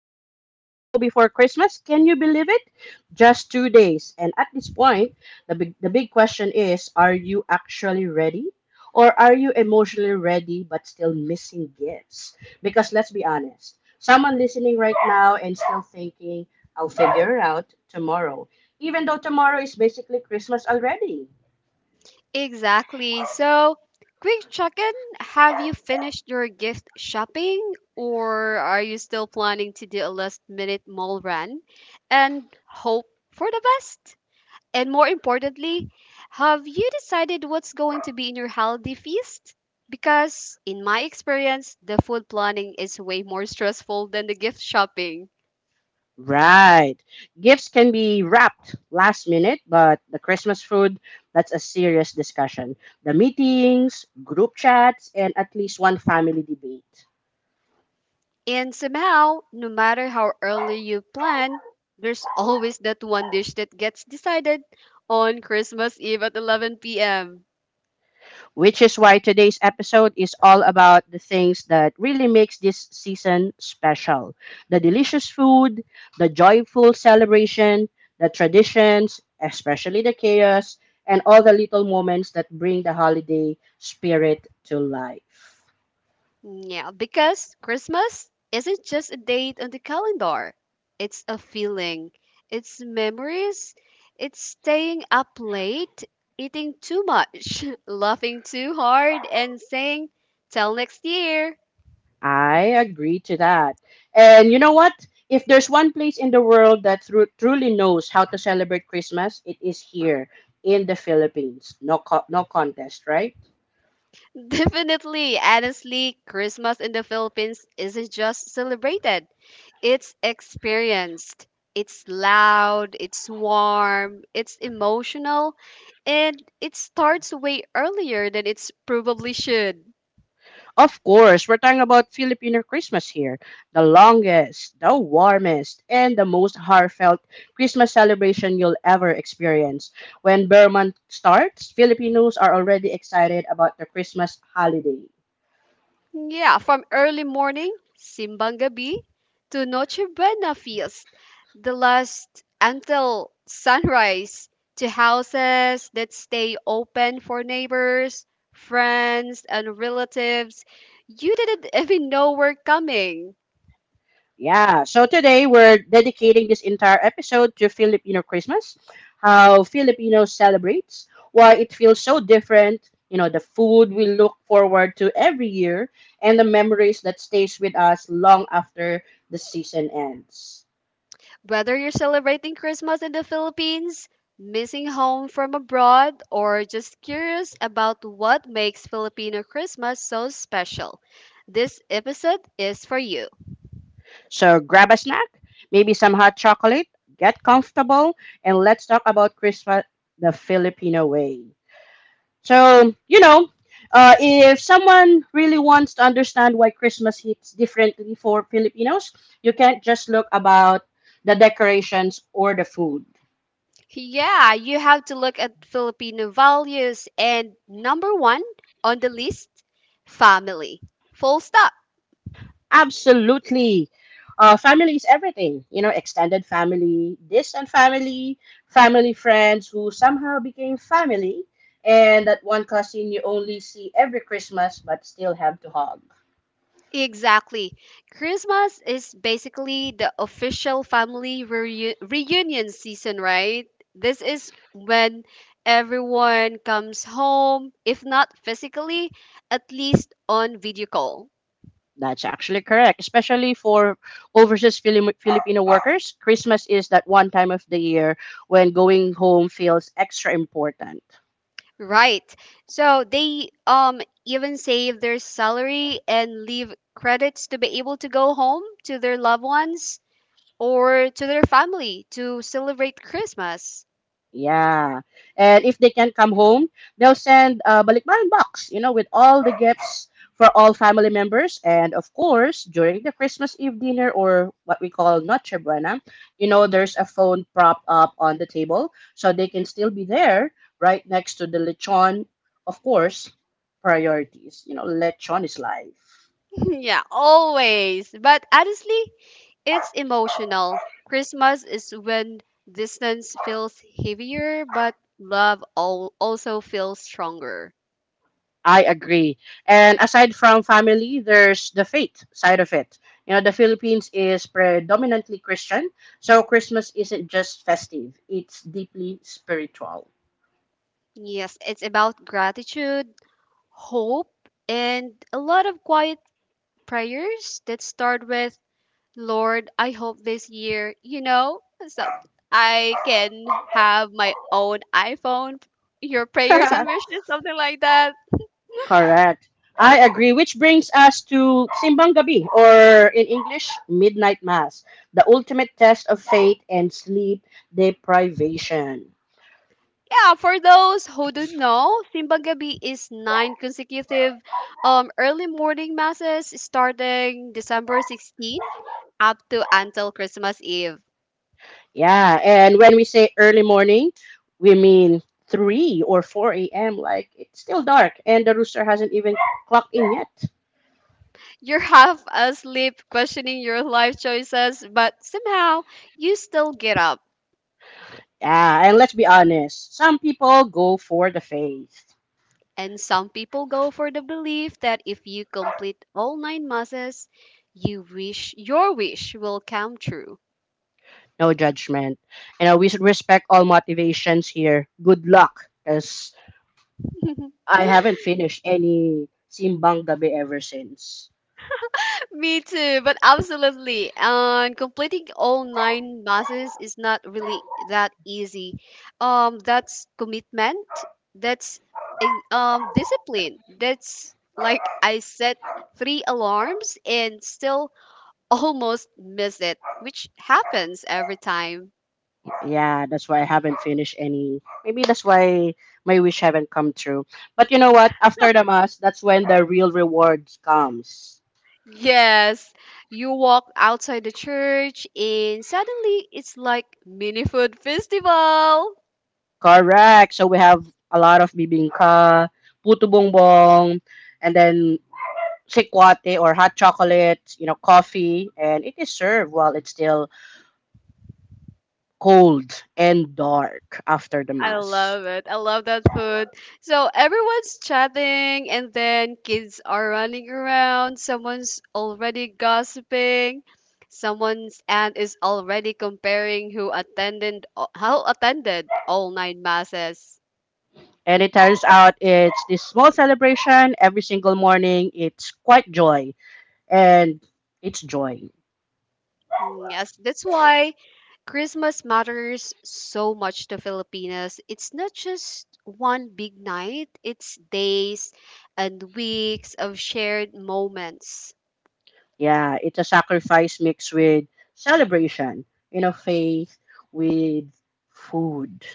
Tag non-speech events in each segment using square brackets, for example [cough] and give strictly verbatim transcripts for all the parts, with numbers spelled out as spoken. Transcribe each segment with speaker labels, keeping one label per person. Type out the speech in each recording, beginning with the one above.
Speaker 1: Just two days to go before Christmas. Can you believe it? Just two days. And at this point, the big, the big question is are you actually ready? Or are you emotionally ready but still missing gifts? Because let's be honest, someone listening right now and still thinking, I'll figure it out tomorrow. Even though tomorrow is basically Christmas already.
Speaker 2: Exactly. So, quick check-in. Have you finished your gift shopping or are you still planning to do a last-minute mall run and hope for the best? And more importantly, have you decided what's going to be in your holiday feast? Because in my experience, the food planning is way more stressful than the gift shopping.
Speaker 1: Right. Gifts can be wrapped last minute, but the Christmas food, that's a serious discussion. The meetings, group chats, and at least one family debate.
Speaker 2: And somehow, no matter how early you plan, there's [laughs] always that one dish that gets decided on Christmas Eve at eleven p m.
Speaker 1: Which is why today's episode is all about the things that really makes this season special. The delicious food, the joyful celebration, the traditions, especially the chaos, and all the little moments that bring the holiday spirit to life.
Speaker 2: Yeah, because Christmas isn't just a date on the calendar, it's a feeling, it's memories, it's staying up late, eating too much, [laughs] laughing too hard, and saying, "Till next year."
Speaker 1: I agree to that. And you know what? If there's one place in the world that thru- truly knows how to celebrate Christmas, it is here in the Philippines. No, co- no contest, right?
Speaker 2: [laughs] Definitely, honestly, Christmas in the Philippines isn't just celebrated, it's experienced. It's loud, it's warm, it's emotional, and it starts way earlier than it's probably should.
Speaker 1: Of course, we're talking about Filipino Christmas here. The longest, the warmest, and the most heartfelt Christmas celebration you'll ever experience. When Burman starts, Filipinos are already excited about the Christmas holiday.
Speaker 2: Yeah, from early morning simbang gabi, to Noche Buena feast, the last until sunrise, to houses that stay open for neighbors, friends, and relatives you didn't [laughs] even know were coming.
Speaker 1: Yeah, so today we're dedicating this entire episode to Filipino Christmas, how Filipinos celebrates, why it feels so different, you know, the food we look forward to every year, and the memories that stays with us long after the season ends.
Speaker 2: Whether you're celebrating Christmas in the Philippines, missing home from abroad, or just curious about what makes Filipino Christmas so special, this episode is for you.
Speaker 1: So grab a snack, maybe some hot chocolate, get comfortable, and let's talk about Christmas the Filipino way. So, you know, uh, if someone really wants to understand why Christmas hits differently for Filipinos, you can't just look about the decorations or the food.
Speaker 2: Yeah, you have to look at Filipino values, and number one on the list, family. Full stop.
Speaker 1: Absolutely. Uh, family is everything, you know, extended family, distant family, family friends who somehow became family, and that one cousin you only see every Christmas but still have to hug.
Speaker 2: Exactly. Christmas is basically the official family reu- reunion season, right? This is when everyone comes home, if not physically, at least on video call.
Speaker 1: That's actually correct, especially for overseas Fili- Filipino workers. Christmas is that one time of the year when going home feels extra important.
Speaker 2: Right. So they um even save their salary and leave credits to be able to go home to their loved ones or to their family to celebrate Christmas.
Speaker 1: Yeah. And if they can't come home, they'll send a balikbayan box, you know, with all the gifts for all family members. And of course, during the Christmas Eve dinner or what we call Noche Buena, you know, there's a phone prop up on the table so they can still be there right next to the lechon. Of course, priorities. You know, lechon is life.
Speaker 2: [laughs] Yeah, always. But honestly, it's emotional. Christmas is when distance feels heavier, but love al- also feels stronger.
Speaker 1: I agree. And aside from family, there's the faith side of it. You know, the Philippines is predominantly Christian, so Christmas isn't just festive, it's deeply spiritual.
Speaker 2: Yes, it's about gratitude, hope, and a lot of quiet prayers that start with, "Lord, I hope this year, you know, so I can have my own iPhone." Your prayers and
Speaker 1: [laughs]
Speaker 2: wishes, something like that.
Speaker 1: Correct. I agree, which brings us to Simbang Gabi, or in English, Midnight Mass, the ultimate test of faith and sleep deprivation.
Speaker 2: Yeah, for those who don't know, Simbang Gabi is nine consecutive um, early morning masses starting December sixteenth up to until Christmas Eve.
Speaker 1: Yeah, and when we say early morning, we mean three or four a m. Like it's still dark and the rooster hasn't even clocked in yet.
Speaker 2: You're half asleep questioning your life choices, but somehow you still get up.
Speaker 1: Yeah, and let's be honest, some people go for the faith.
Speaker 2: And some people go for the belief that if you complete all nine masses, you wish your wish will come true.
Speaker 1: No judgment. You know, we should respect all motivations here. Good luck, because I
Speaker 2: [laughs]
Speaker 1: haven't finished any Simbang Gabi ever since.
Speaker 2: Me too, but absolutely. And completing all nine masses is not really that easy. Um, that's commitment. That's in- um discipline. That's like I set three alarms and still [laughs] almost miss it, which happens every time.
Speaker 1: Yeah, that's why I haven't finished any. Maybe that's why my wish haven't come true. But you know what? After the mass, that's when the real rewards comes.
Speaker 2: Yes, you walk outside the church and suddenly it's like mini food festival.
Speaker 1: Correct. So we have a lot of bibingka, puto bongbong, and then sikwate or hot chocolate, you know, coffee, and it is served while it's still cold and dark after the
Speaker 2: I
Speaker 1: mass.
Speaker 2: love it. I love that food. So everyone's chatting, and then kids are running around. Someone's already gossiping. Someone's aunt is already comparing who attended how attended all nine masses.
Speaker 1: And it turns out it's this small celebration every single morning. It's quite joy and it's joy.
Speaker 2: Mm, yes, that's why Christmas matters so much to Filipinas. It's not just one big night, it's days and weeks of shared moments.
Speaker 1: Yeah, it's a sacrifice mixed with celebration, you know, faith with food.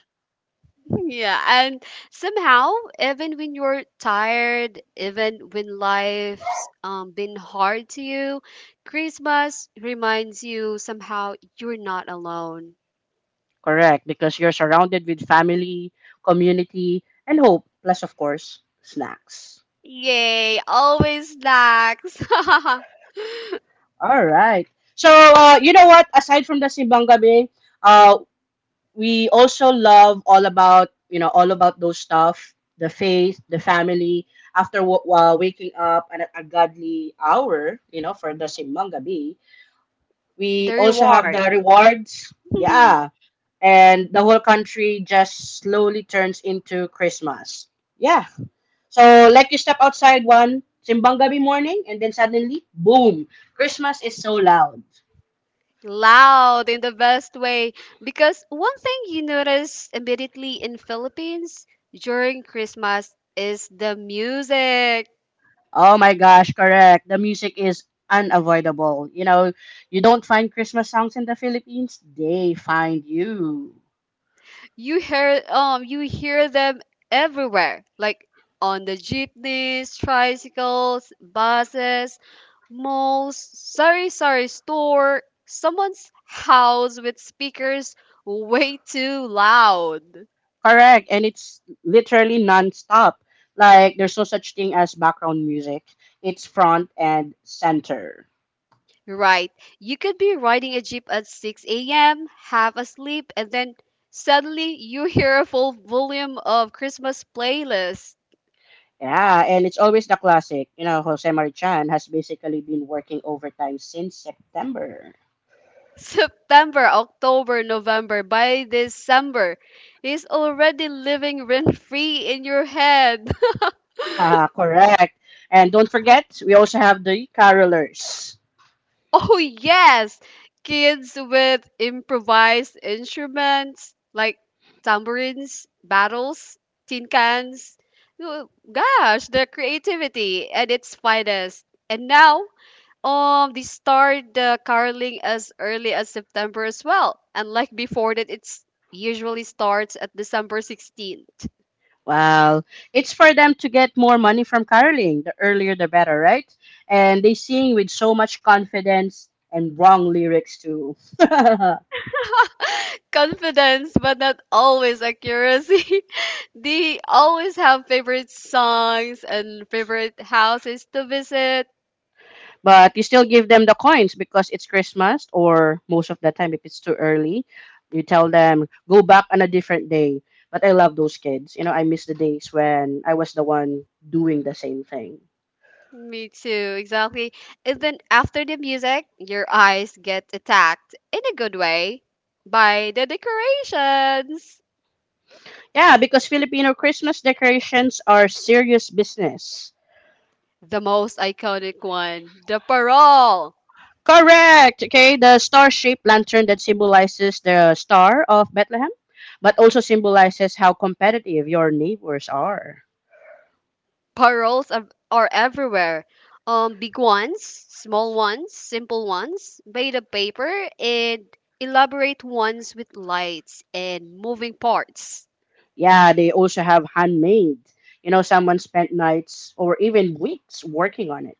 Speaker 2: Yeah, and somehow, even when you're tired, even when life's um, been hard to you, Christmas reminds you somehow you're not alone.
Speaker 1: Correct, because you're surrounded with family, community, and hope, plus, of course, snacks.
Speaker 2: Yay, always snacks. [laughs] The
Speaker 1: All right. So, uh, you know what? Aside from the Simbang Gabi, uh, we also love all about, you know, all about those stuff, the faith, the family, after w- uh, waking up at a, a godly hour, you know, for the Simbang Gabi, we also have the
Speaker 2: reward.
Speaker 1: rewards. Yeah.
Speaker 2: [laughs]
Speaker 1: And the whole country just slowly turns into Christmas. Yeah. So, like you step outside one, simbang gabi morning, and then suddenly, boom, Christmas is so loud.
Speaker 2: Loud in the best way. Because one thing you notice immediately in Philippines during Christmas is the music.
Speaker 1: Oh my gosh, correct. The music is unavoidable. You know, you don't find Christmas songs in the Philippines, they find you.
Speaker 2: you hear um you hear them everywhere, like on the jeepneys, tricycles, buses, malls, sorry sorry store, someone's house with speakers way too loud.
Speaker 1: Correct, and it's literally non-stop. Like there's no such thing as background music. It's front and center.
Speaker 2: Right, you could be riding a jeep at six a m., half asleep, and then suddenly you hear a full volume of Christmas playlist.
Speaker 1: Yeah, and it's always the classic. You know, Jose Marichan has basically been working overtime since September.
Speaker 2: September, October, November, by December, he's already living rent free in your head. [laughs]
Speaker 1: Ah, correct. And don't forget, we also have the carolers.
Speaker 2: Oh, yes! Kids with improvised instruments like tambourines, battles, tin cans. Oh, gosh, the creativity at its finest. And now, Um, they start the caroling as early as September as well. Unlike before that it's usually starts at December sixteenth.
Speaker 1: Well, it's for them to get more money from caroling. The earlier, the better, right? And they sing with so much confidence and wrong lyrics too. [laughs]
Speaker 2: [laughs] Confidence, but not always accuracy. [laughs] They always have favorite songs and favorite houses to visit.
Speaker 1: But you still give them the coins because it's Christmas or most of the time if it's too early, you tell them go back on a different day. But I love those kids. You know, I miss the days when I was the one doing the same thing.
Speaker 2: Me too, exactly. And then after the music, your eyes get attacked in a good way by the decorations.
Speaker 1: Yeah, because Filipino Christmas decorations are serious business.
Speaker 2: The most iconic one, the parole.
Speaker 1: Correct. Okay, the star-shaped lantern that symbolizes the star of Bethlehem, but also symbolizes how competitive your neighbors are.
Speaker 2: Paroles are, are everywhere. Um, big ones, small ones, simple ones, made of paper, and elaborate ones with lights and moving parts.
Speaker 1: Yeah, they also have handmade. You know, someone spent nights or even weeks working on it.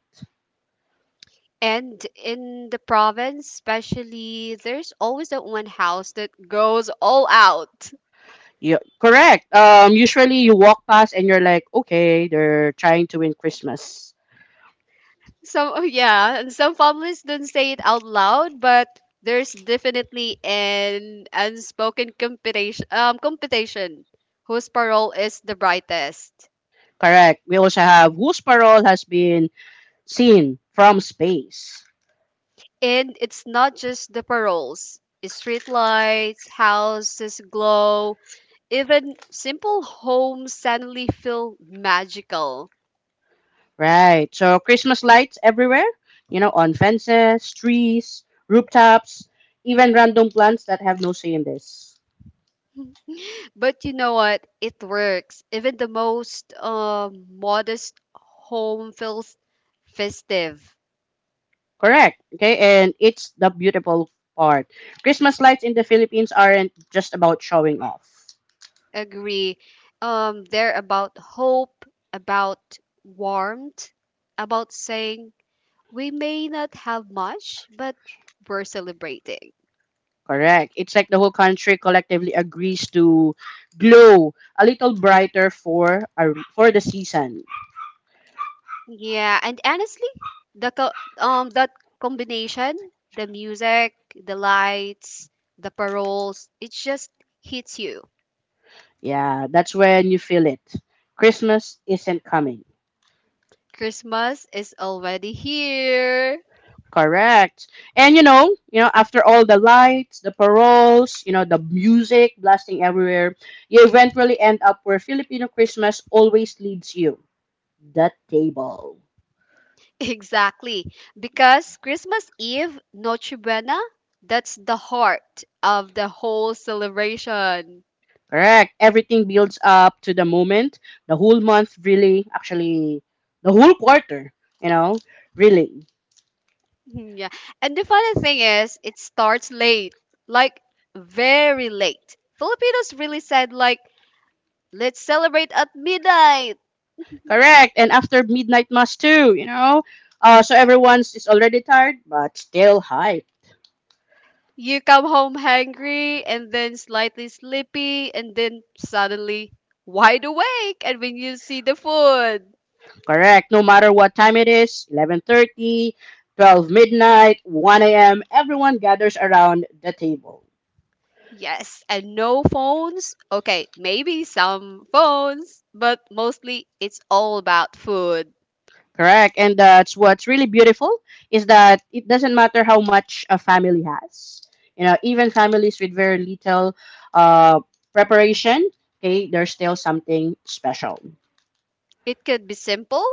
Speaker 2: And in the province, especially, there's always that one house that goes all out.
Speaker 1: Yeah, correct. Um, usually you walk past and you're like, okay, they're trying to win Christmas.
Speaker 2: Some [laughs] oh, yeah, and some families don't say it out loud, but there's definitely an unspoken competition um competition whose parole is the brightest.
Speaker 1: Correct. We also have whose parole has been seen from space.
Speaker 2: And it's not just the paroles. Street lights, houses glow, even simple homes suddenly feel magical.
Speaker 1: Right. So Christmas lights everywhere. You know, on fences, trees, rooftops, even random plants that have no say in this.
Speaker 2: But you know what? It works. Even the most um modest home feels festive.
Speaker 1: Correct. Okay, and it's the beautiful part. Christmas lights in the Philippines aren't just about showing off.
Speaker 2: Agree. Um, they're about hope, about warmth, about saying we may not have much, but we're celebrating.
Speaker 1: Correct. It's like the whole country collectively agrees to glow a little brighter for a, for the season.
Speaker 2: Yeah, and honestly, the co- um that combination, the music, the lights, the paroles, it just hits you.
Speaker 1: Yeah, that's when you feel it. Christmas isn't coming.
Speaker 2: Christmas is already here.
Speaker 1: Correct. And you know, you know, after all the lights, the paroles, you know, the music blasting everywhere, you eventually end up where Filipino Christmas always leads you the table.
Speaker 2: Exactly. Because Christmas Eve, Noche Buena, that's the heart of the whole celebration. [laughs]
Speaker 1: Correct. Everything builds up to the moment. The whole month, really, actually, the whole quarter, you know, really.
Speaker 2: Yeah. And the funny thing is, it starts late, like very late. Filipinos really said, like, let's celebrate at midnight.
Speaker 1: Correct. And after midnight mass too, you know. Uh, so everyone's is already tired, but still hype.
Speaker 2: You come home hungry and then slightly sleepy and then suddenly wide awake and when you see the food.
Speaker 1: Correct. No matter what time it is, eleven thirty, twelve midnight, one a m, everyone gathers around the table.
Speaker 2: Yes, and no phones. Okay, maybe some phones, but mostly it's all about food.
Speaker 1: Correct. And that's what's really beautiful is that it doesn't matter how much a family has. You know, even families with very little uh, preparation, okay, there's still something special.
Speaker 2: It could be simple,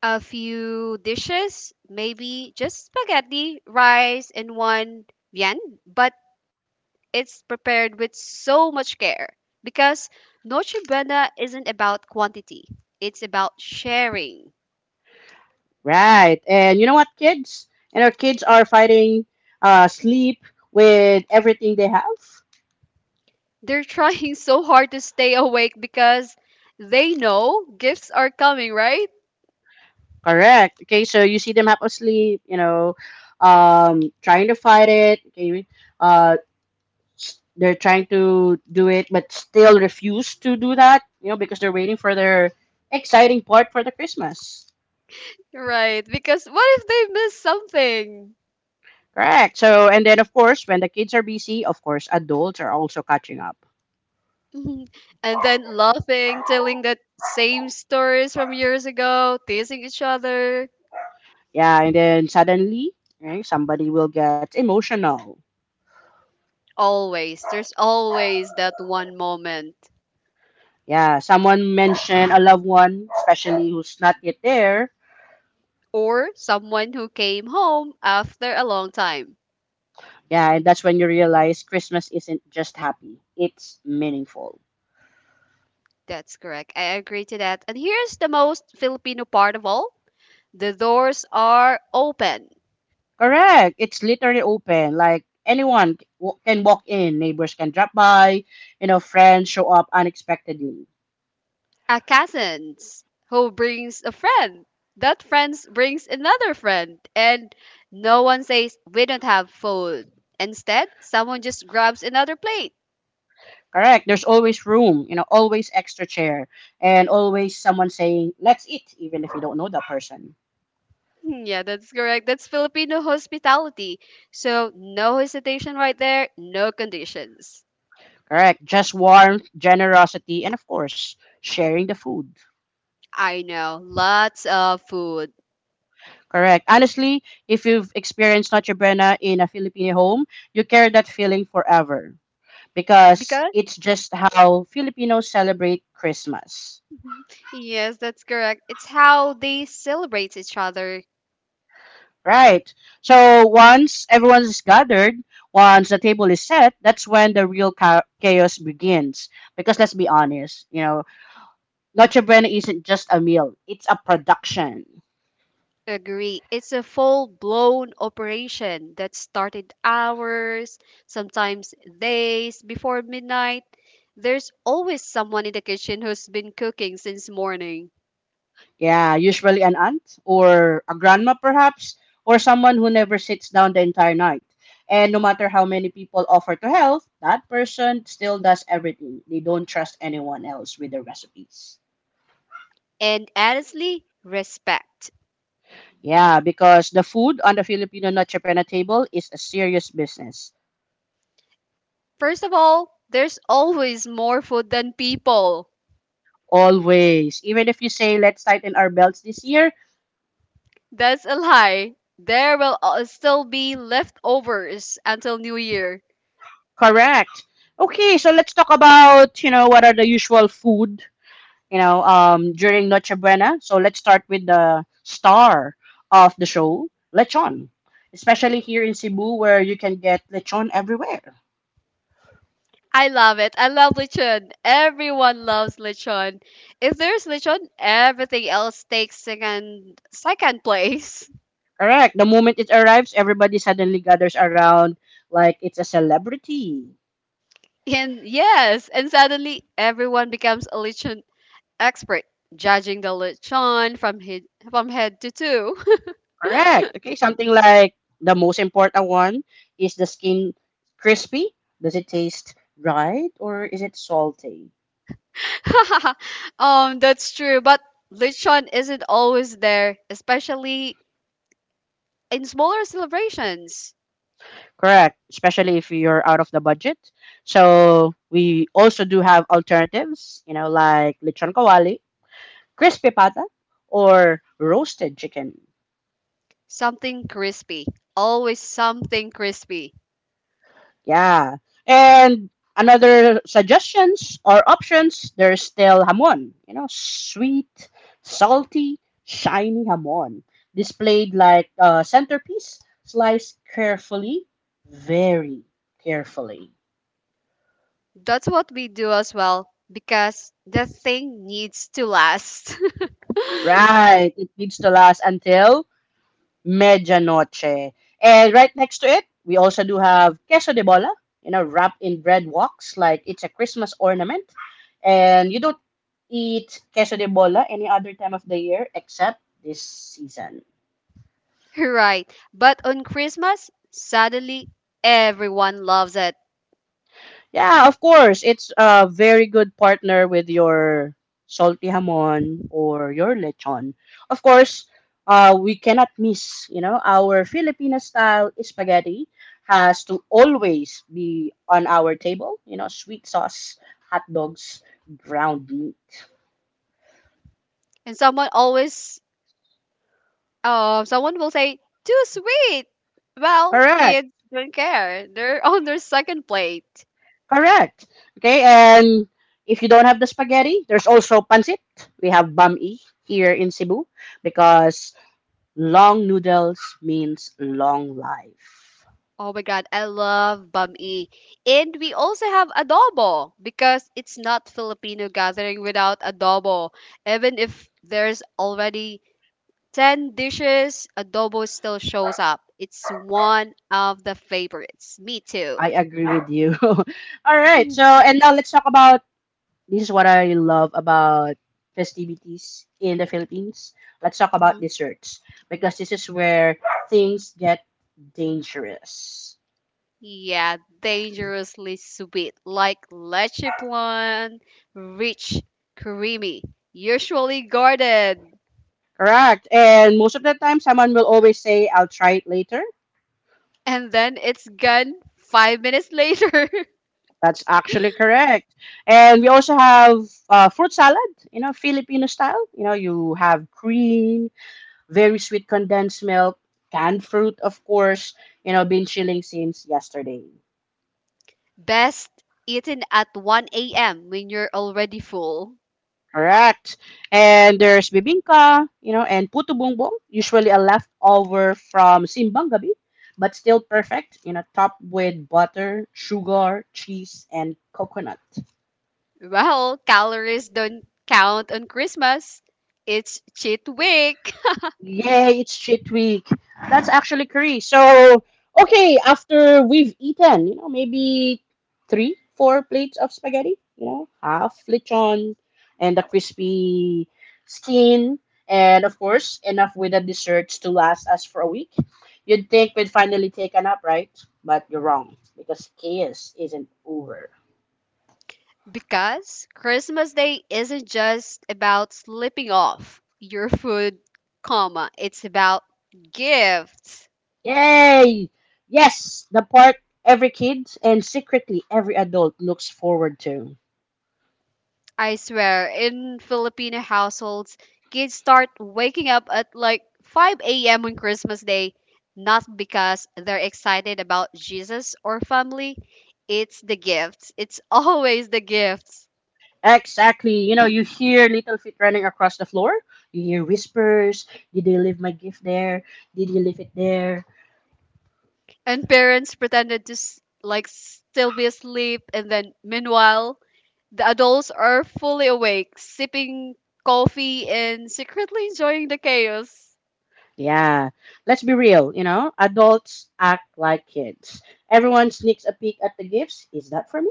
Speaker 2: a few dishes, maybe just spaghetti, rice, and one viand, but it's prepared with so much care because Noche Buena isn't about quantity, it's about sharing.
Speaker 1: Right. And you know what, kids? You know, kids are fighting uh, sleep with everything they have.
Speaker 2: They're trying [laughs] so hard to stay awake because they know gifts are coming, right?
Speaker 1: Correct. Okay, so you see them half asleep, you know, um, trying to fight it. Okay, uh. They're trying to do it but still refuse to do that, you know, because they're waiting for their exciting part for the Christmas.
Speaker 2: Right, because what if they miss something?
Speaker 1: Correct. So and then of course when the kids are busy, of course adults are also catching up.
Speaker 2: Mhm. And then laughing, telling the same stories from years ago, teasing each other.
Speaker 1: Yeah, and then suddenly, right, somebody will get emotional.
Speaker 2: Always, there's always that one moment.
Speaker 1: Yeah, someone mentioned a loved one especially who's not yet there.
Speaker 2: Or someone who came home after a long time.
Speaker 1: Yeah, and that's when you realize Christmas isn't just happy, it's meaningful.
Speaker 2: That's correct. I agree to that. And here's the most Filipino part of all, the doors are open.
Speaker 1: Correct. It's literally open. Like anyone c- w- can walk in. Neighbors can drop by. You know, friends show up unexpectedly.
Speaker 2: A cousin who brings a friend. That friend brings another friend, and no one says we don't have food. Instead, someone just grabs another plate.
Speaker 1: Correct. There's always room. You know, always extra chair, and always someone saying, "Let's eat," even if you don't know that person.
Speaker 2: Hmm, yeah, that's correct. That's Filipino hospitality. So, no hesitation right there, no conditions.
Speaker 1: Correct. Just warmth, generosity, and of course, sharing the food.
Speaker 2: I know, lots of food.
Speaker 1: Correct. Honestly, if you've experienced Noche Buena in a Filipino home, you carry that feeling forever because
Speaker 2: Because,
Speaker 1: it's just how Filipinos celebrate Christmas.
Speaker 2: [laughs] yes, that's correct. It's how they celebrate each other.
Speaker 1: Right. So once everyone is gathered, once the table is set, that's when the real cha- chaos begins. Because let's be honest, you know, Noche Buena isn't just a meal, it's a production.
Speaker 2: Agree. It's a full blown operation that started hours, sometimes days before midnight. There's always someone in the kitchen who's been cooking since morning.
Speaker 1: Yeah, usually an aunt or a grandma, perhaps, or someone who never sits down the entire night. And no matter how many people offer to help, that person still does everything. They don't trust anyone else with the recipes.
Speaker 2: And honestly, respect.
Speaker 1: Yeah, because the food on the Filipino Noche Buena table is a serious business.
Speaker 2: First of all, there's always more food than people.
Speaker 1: Always. Even if you say, let's tighten our belts this year,
Speaker 2: That's a lie. There will al- still be leftovers until New Year.
Speaker 1: correct. Okay, so let's talk about, you know, what are the usual food, you know, um, during Noche Buena. So let's start with the star of the show, lechon. Especially here in Cebu where you can get lechon everywhere.
Speaker 2: I love it. I love lechon. Everyone loves lechon. If there's lechon, everything else takes second second place. [laughs]
Speaker 1: Correct. The moment it arrives, everybody suddenly gathers around like it's a celebrity.
Speaker 2: And yes, and suddenly everyone becomes a lechon expert, judging the lechon from head from head to toe.
Speaker 1: Correct. Okay, something like the most important one is the skin crispy? Does it taste right or is it salty?
Speaker 2: [laughs] Um, that's true. But lechon isn't always there, especially in smaller celebrations.
Speaker 1: Correct, especially if you're out of the budget. So we also do have alternatives, you know, like lechon kawali, crispy pata, or roasted chicken.
Speaker 2: Something crispy. Always something crispy.
Speaker 1: Yeah. And another suggestions or options, there's still hamon. You know, sweet, salty, shiny hamon. Displayed like a centerpiece, sliced carefully, very carefully.
Speaker 2: That's what we do as well because the thing needs to last.
Speaker 1: Right. It needs to last until Medianoche. And right next to it, we also do have queso de bola, you know, wrapped in bread walks like it's a Christmas ornament. And you don't eat queso de bola any other time of the year except this season.
Speaker 2: [laughs] Right. But on Christmas, suddenly everyone loves it.
Speaker 1: Yeah, of course. It's a very good partner with your salty hamon or your lechon. Of course, uh, we cannot miss, you know, our Filipino style spaghetti has to always be on our table, you know, sweet sauce, hot dogs, ground meat.
Speaker 2: And someone always uh, someone will say, "Too sweet." Well,
Speaker 1: Correct,
Speaker 2: kids don't care. They're [laughs] on their second plate.
Speaker 1: correct. Okay, and if you don't have the spaghetti, there's also pancit. We have bami here in Cebu because long noodles means long life.
Speaker 2: Oh my god, I love bam e. And we also have adobo because it's not Filipino gathering without adobo. Even if there's already ten dishes, adobo still shows up. It's one of the favorites. Me
Speaker 1: I
Speaker 2: too.
Speaker 1: agree with you. [laughs] All right. So, and now let's talk about this is what I love about festivities in the Philippines. Let's talk about
Speaker 2: Mhm.
Speaker 1: desserts because this is where things get dangerous.
Speaker 2: Yeah, dangerously sweet, like leche plan, rich, creamy, usually guarded,
Speaker 1: Correct. And most of the time, someone will always say, I'll try it later.
Speaker 2: and then it's gone five minutes later. [laughs]
Speaker 1: That's actually correct. And we also have uh, fruit salad, you know, Filipino style. You know, you have cream, very sweet condensed milk, canned fruit, of course. You know, been chilling since yesterday.
Speaker 2: Best eaten at one a m when you're already full.
Speaker 1: Correct. And there's bibingka, you know, and puto bumbong, usually a leftover from simbang gabi, but still perfect, you know, topped with butter, sugar, cheese, and coconut.
Speaker 2: Well, calories don't count on Christmas. It's cheat week.
Speaker 1: Yay, it's cheat week. That's actually Korea. So, okay, after we've eaten, you know, maybe three, four plates of spaghetti, you know, half lechon and the crispy skin, and of course, enough with the desserts to last us for a week. You'd think we'd finally take a nap, right? But you're wrong, because chaos isn't over.
Speaker 2: Because Christmas Day isn't just about slipping off your food, comma, it's about gifts.
Speaker 1: Yay! Yes, the part every kid and secretly every adult looks forward to.
Speaker 2: I swear, in Filipino households, kids start waking up at like five a m on Christmas Day, not because they're excited about Jesus or family, it's the gifts. It's [laughs] always the gifts.
Speaker 1: Exactly. You know, you hear little feet running across the floor. You hear whispers. Did they leave my gift there? Did you leave it there?
Speaker 2: And parents pretended to s- like still be asleep, and then meanwhile the adults are fully awake, sipping coffee and secretly enjoying the chaos.
Speaker 1: Yeah. Let's be real, you know, adults act like kids. Everyone sneaks a peek at the gifts. Is that for me?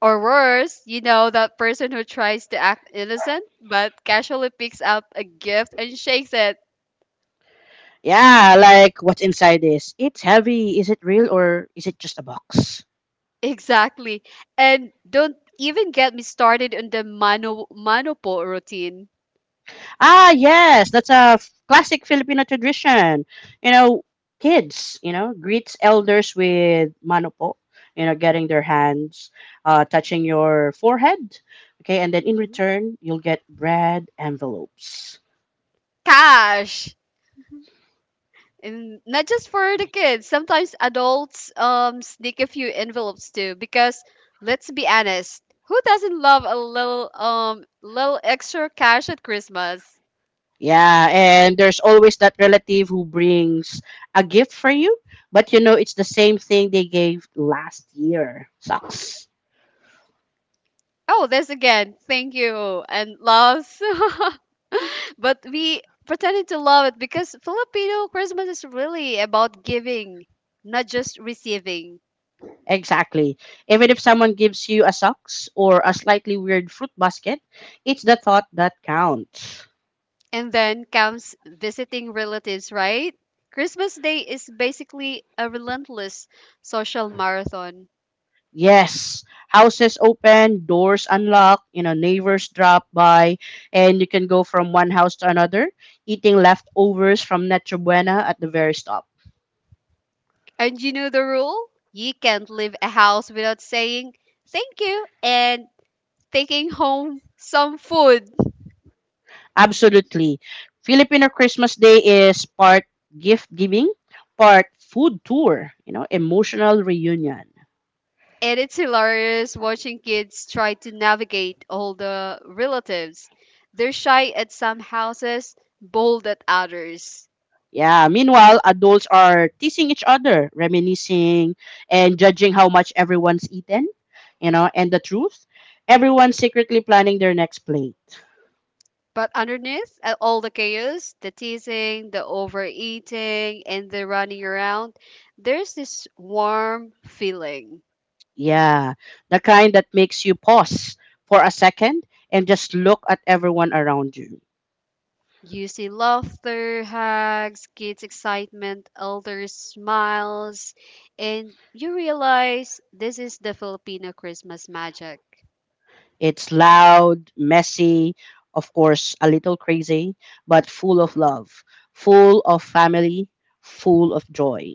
Speaker 2: Or worse, you know, that person who tries to act innocent but casually picks up a gift and shakes it. [laughs]
Speaker 1: Yeah, like what's inside this? It's heavy. Is it real or is it just a box?
Speaker 2: Exactly. And don't even get me started on the mano- monopole routine.
Speaker 1: Ah, yes, that's a f- classic Filipino tradition. You know, kids, you know, greets elders with manopo, you know, getting their hands uh, touching your forehead. Okay, and then in
Speaker 2: Mhm.
Speaker 1: return, you'll get bread envelopes.
Speaker 2: Cash! And not just for the kids, sometimes adults um sneak a few envelopes too, because let's be honest, who doesn't love a little um little extra cash at Christmas.
Speaker 1: Yeah, and there's always that relative who brings a gift for you, but you know, it's the same thing they gave last year. Sucks.
Speaker 2: Oh, this again, thank you and loves. [laughs] But we pretended to love it because Filipino Christmas is really about giving, not just receiving.
Speaker 1: Exactly. Even if someone gives you a socks or a slightly weird fruit basket, it's the thought that counts.
Speaker 2: And then comes visiting relatives, right? Christmas Day is basically a relentless social marathon.
Speaker 1: Yes, houses open, doors unlock, you know, neighbors drop by, and you can go from one house to another, eating leftovers from Nacho Buena at the very stop.
Speaker 2: And you know the rule? You can't leave a house without saying thank you and taking home some food.
Speaker 1: Absolutely. Filipino Christmas Day is part gift giving, part food tour, you know, emotional reunion.
Speaker 2: And it's hilarious watching kids try to navigate all the relatives. They're shy at some houses, bold at others.
Speaker 1: Yeah, meanwhile, adults are teasing each other, reminiscing, and judging how much everyone's eaten, you know, and the truth. Everyone's secretly planning their next plate.
Speaker 2: But underneath uh, all the chaos, the teasing, the overeating, and the running around, there's this warm feeling.
Speaker 1: Yeah, the kind that makes you pause for a second and just look at everyone around you.
Speaker 2: You see laughter, hugs, kids' excitement, elders' smiles, and you realize this is the Filipino Christmas magic.
Speaker 1: It's loud, messy, of course, a little crazy, but full of love, full of family, full of joy.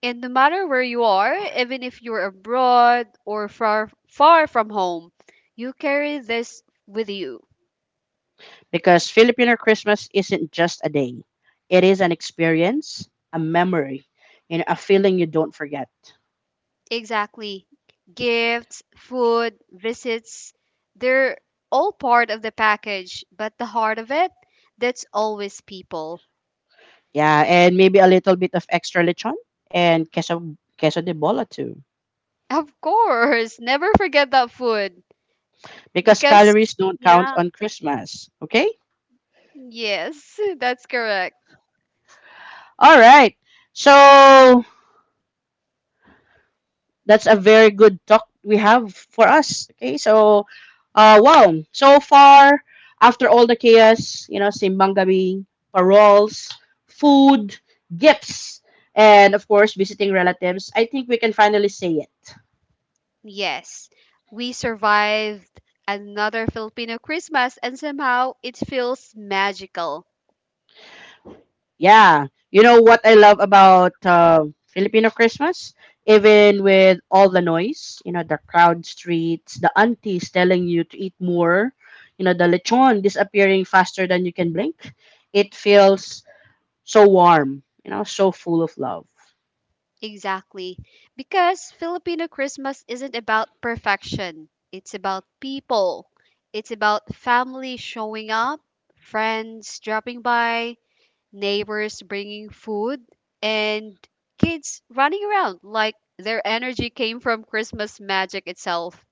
Speaker 2: And no matter where you are, even if you're abroad or far far from home, you carry this with you.
Speaker 1: Because Filipino Christmas isn't just a day. It is an experience, a memory, and a feeling you don't forget.
Speaker 2: Exactly. Gifts, food, visits, they're all part of the package, but the heart of it, that's always people.
Speaker 1: Yeah, and maybe a little bit of extra lechon and queso, queso de bola too.
Speaker 2: Of course, never forget that food
Speaker 1: Because
Speaker 2: because
Speaker 1: calories don't count
Speaker 2: yeah,
Speaker 1: on Christmas. Okay?
Speaker 2: yes, [laughs] that's correct.
Speaker 1: All right. So that's a very good talk we have for us. Okay, so, uh, wow. So far, after all the chaos, you know, simbang gabi, paroles, food, gifts, and of course, visiting relatives, I think we can finally say it.
Speaker 2: Yes. We survived another Filipino Christmas and somehow it feels magical.
Speaker 1: Yeah. You know what I love about uh, Filipino Christmas? Even with all the noise, you know, the crowd streets, the aunties telling you to eat more, you know, the lechon disappearing faster than you can blink, it feels so warm, you know, so full of love.
Speaker 2: Exactly. Because Filipino Christmas isn't about perfection. It's about people. It's about family showing up, friends dropping by, neighbors bringing food, and kids running around like their energy came from Christmas magic itself.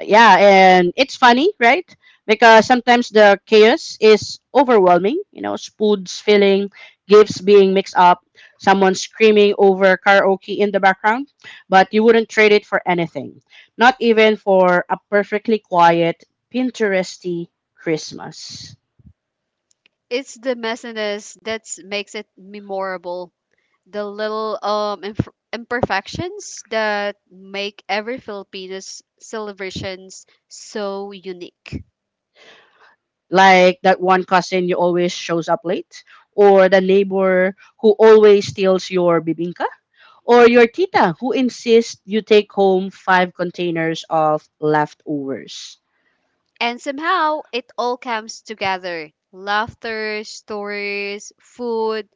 Speaker 1: Yeah, and it's funny, right? Because sometimes the chaos is overwhelming, you know, spoods filling, gifts being mixed up, someone screaming over karaoke in the background, but you wouldn't trade it for anything, not even for a perfectly quiet pinteresty Christmas.
Speaker 2: It's the messiness that makes it memorable. The little um imp- imperfections that make every Filipino's celebrations so unique.
Speaker 1: Like that one cousin you always shows up late, or the neighbor who always steals your bibingka, or your tita who insists you take home five containers of leftovers.
Speaker 2: And somehow it all comes together. Laughter, stories, food,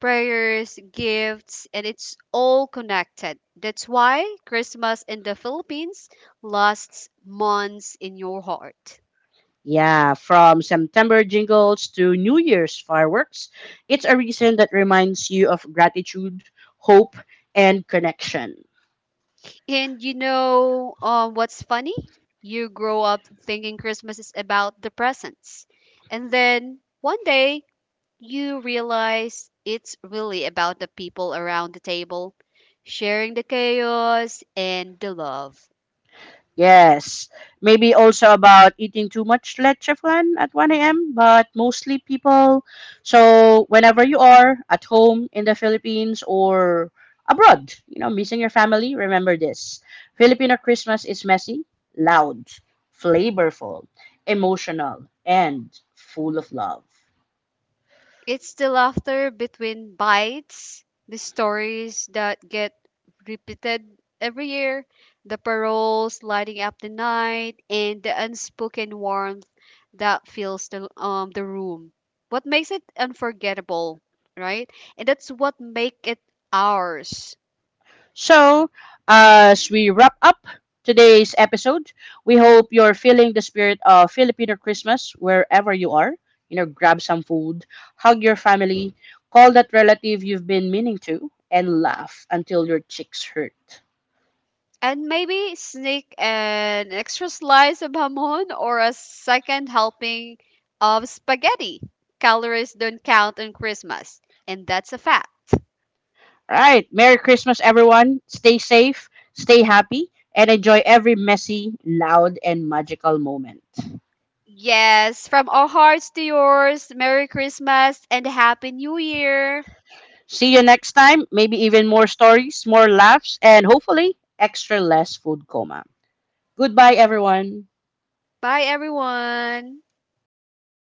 Speaker 2: prayers, gifts, and it's all connected. That's why Christmas in the Philippines lasts months in your heart.
Speaker 1: Yeah, from September jingles to New Year's fireworks, it's a reason that reminds you of gratitude, hope, and connection.
Speaker 2: And you know um, what's funny? You grow up thinking Christmas is about the presents. And then one day you realize it's really about the people around the table, sharing the chaos and the love.
Speaker 1: Yes. Maybe also about eating too much leche flan at one a m, but mostly people. So, whenever you are at home in the Philippines or abroad, you know, missing your family, remember this Filipino Christmas is messy, loud, flavorful, emotional, and full of love.
Speaker 2: It's the laughter between bites, the stories that get repeated every year, the paroles lighting up the night, and the unspoken warmth that fills the, um, the room. What makes it unforgettable, right? And that's what make it ours.
Speaker 1: So, uh, as we wrap up today's episode, we hope you're feeling the spirit of Filipino Christmas wherever you are. You know, grab some food, hug your family, call that relative you've been meaning to, and laugh until your cheeks hurt.
Speaker 2: And maybe sneak an extra slice of hamon or a second helping of spaghetti. Calories don't count on Christmas, and that's a fact.
Speaker 1: All right, Merry Christmas, everyone. Stay safe, stay happy, and enjoy every messy, loud, and magical moment.
Speaker 2: Yes, from our hearts to yours, Merry Christmas and Happy New Year.
Speaker 1: See you next time. Maybe even more stories, more laughs, and hopefully extra less food coma. Goodbye, everyone.
Speaker 2: Bye, everyone.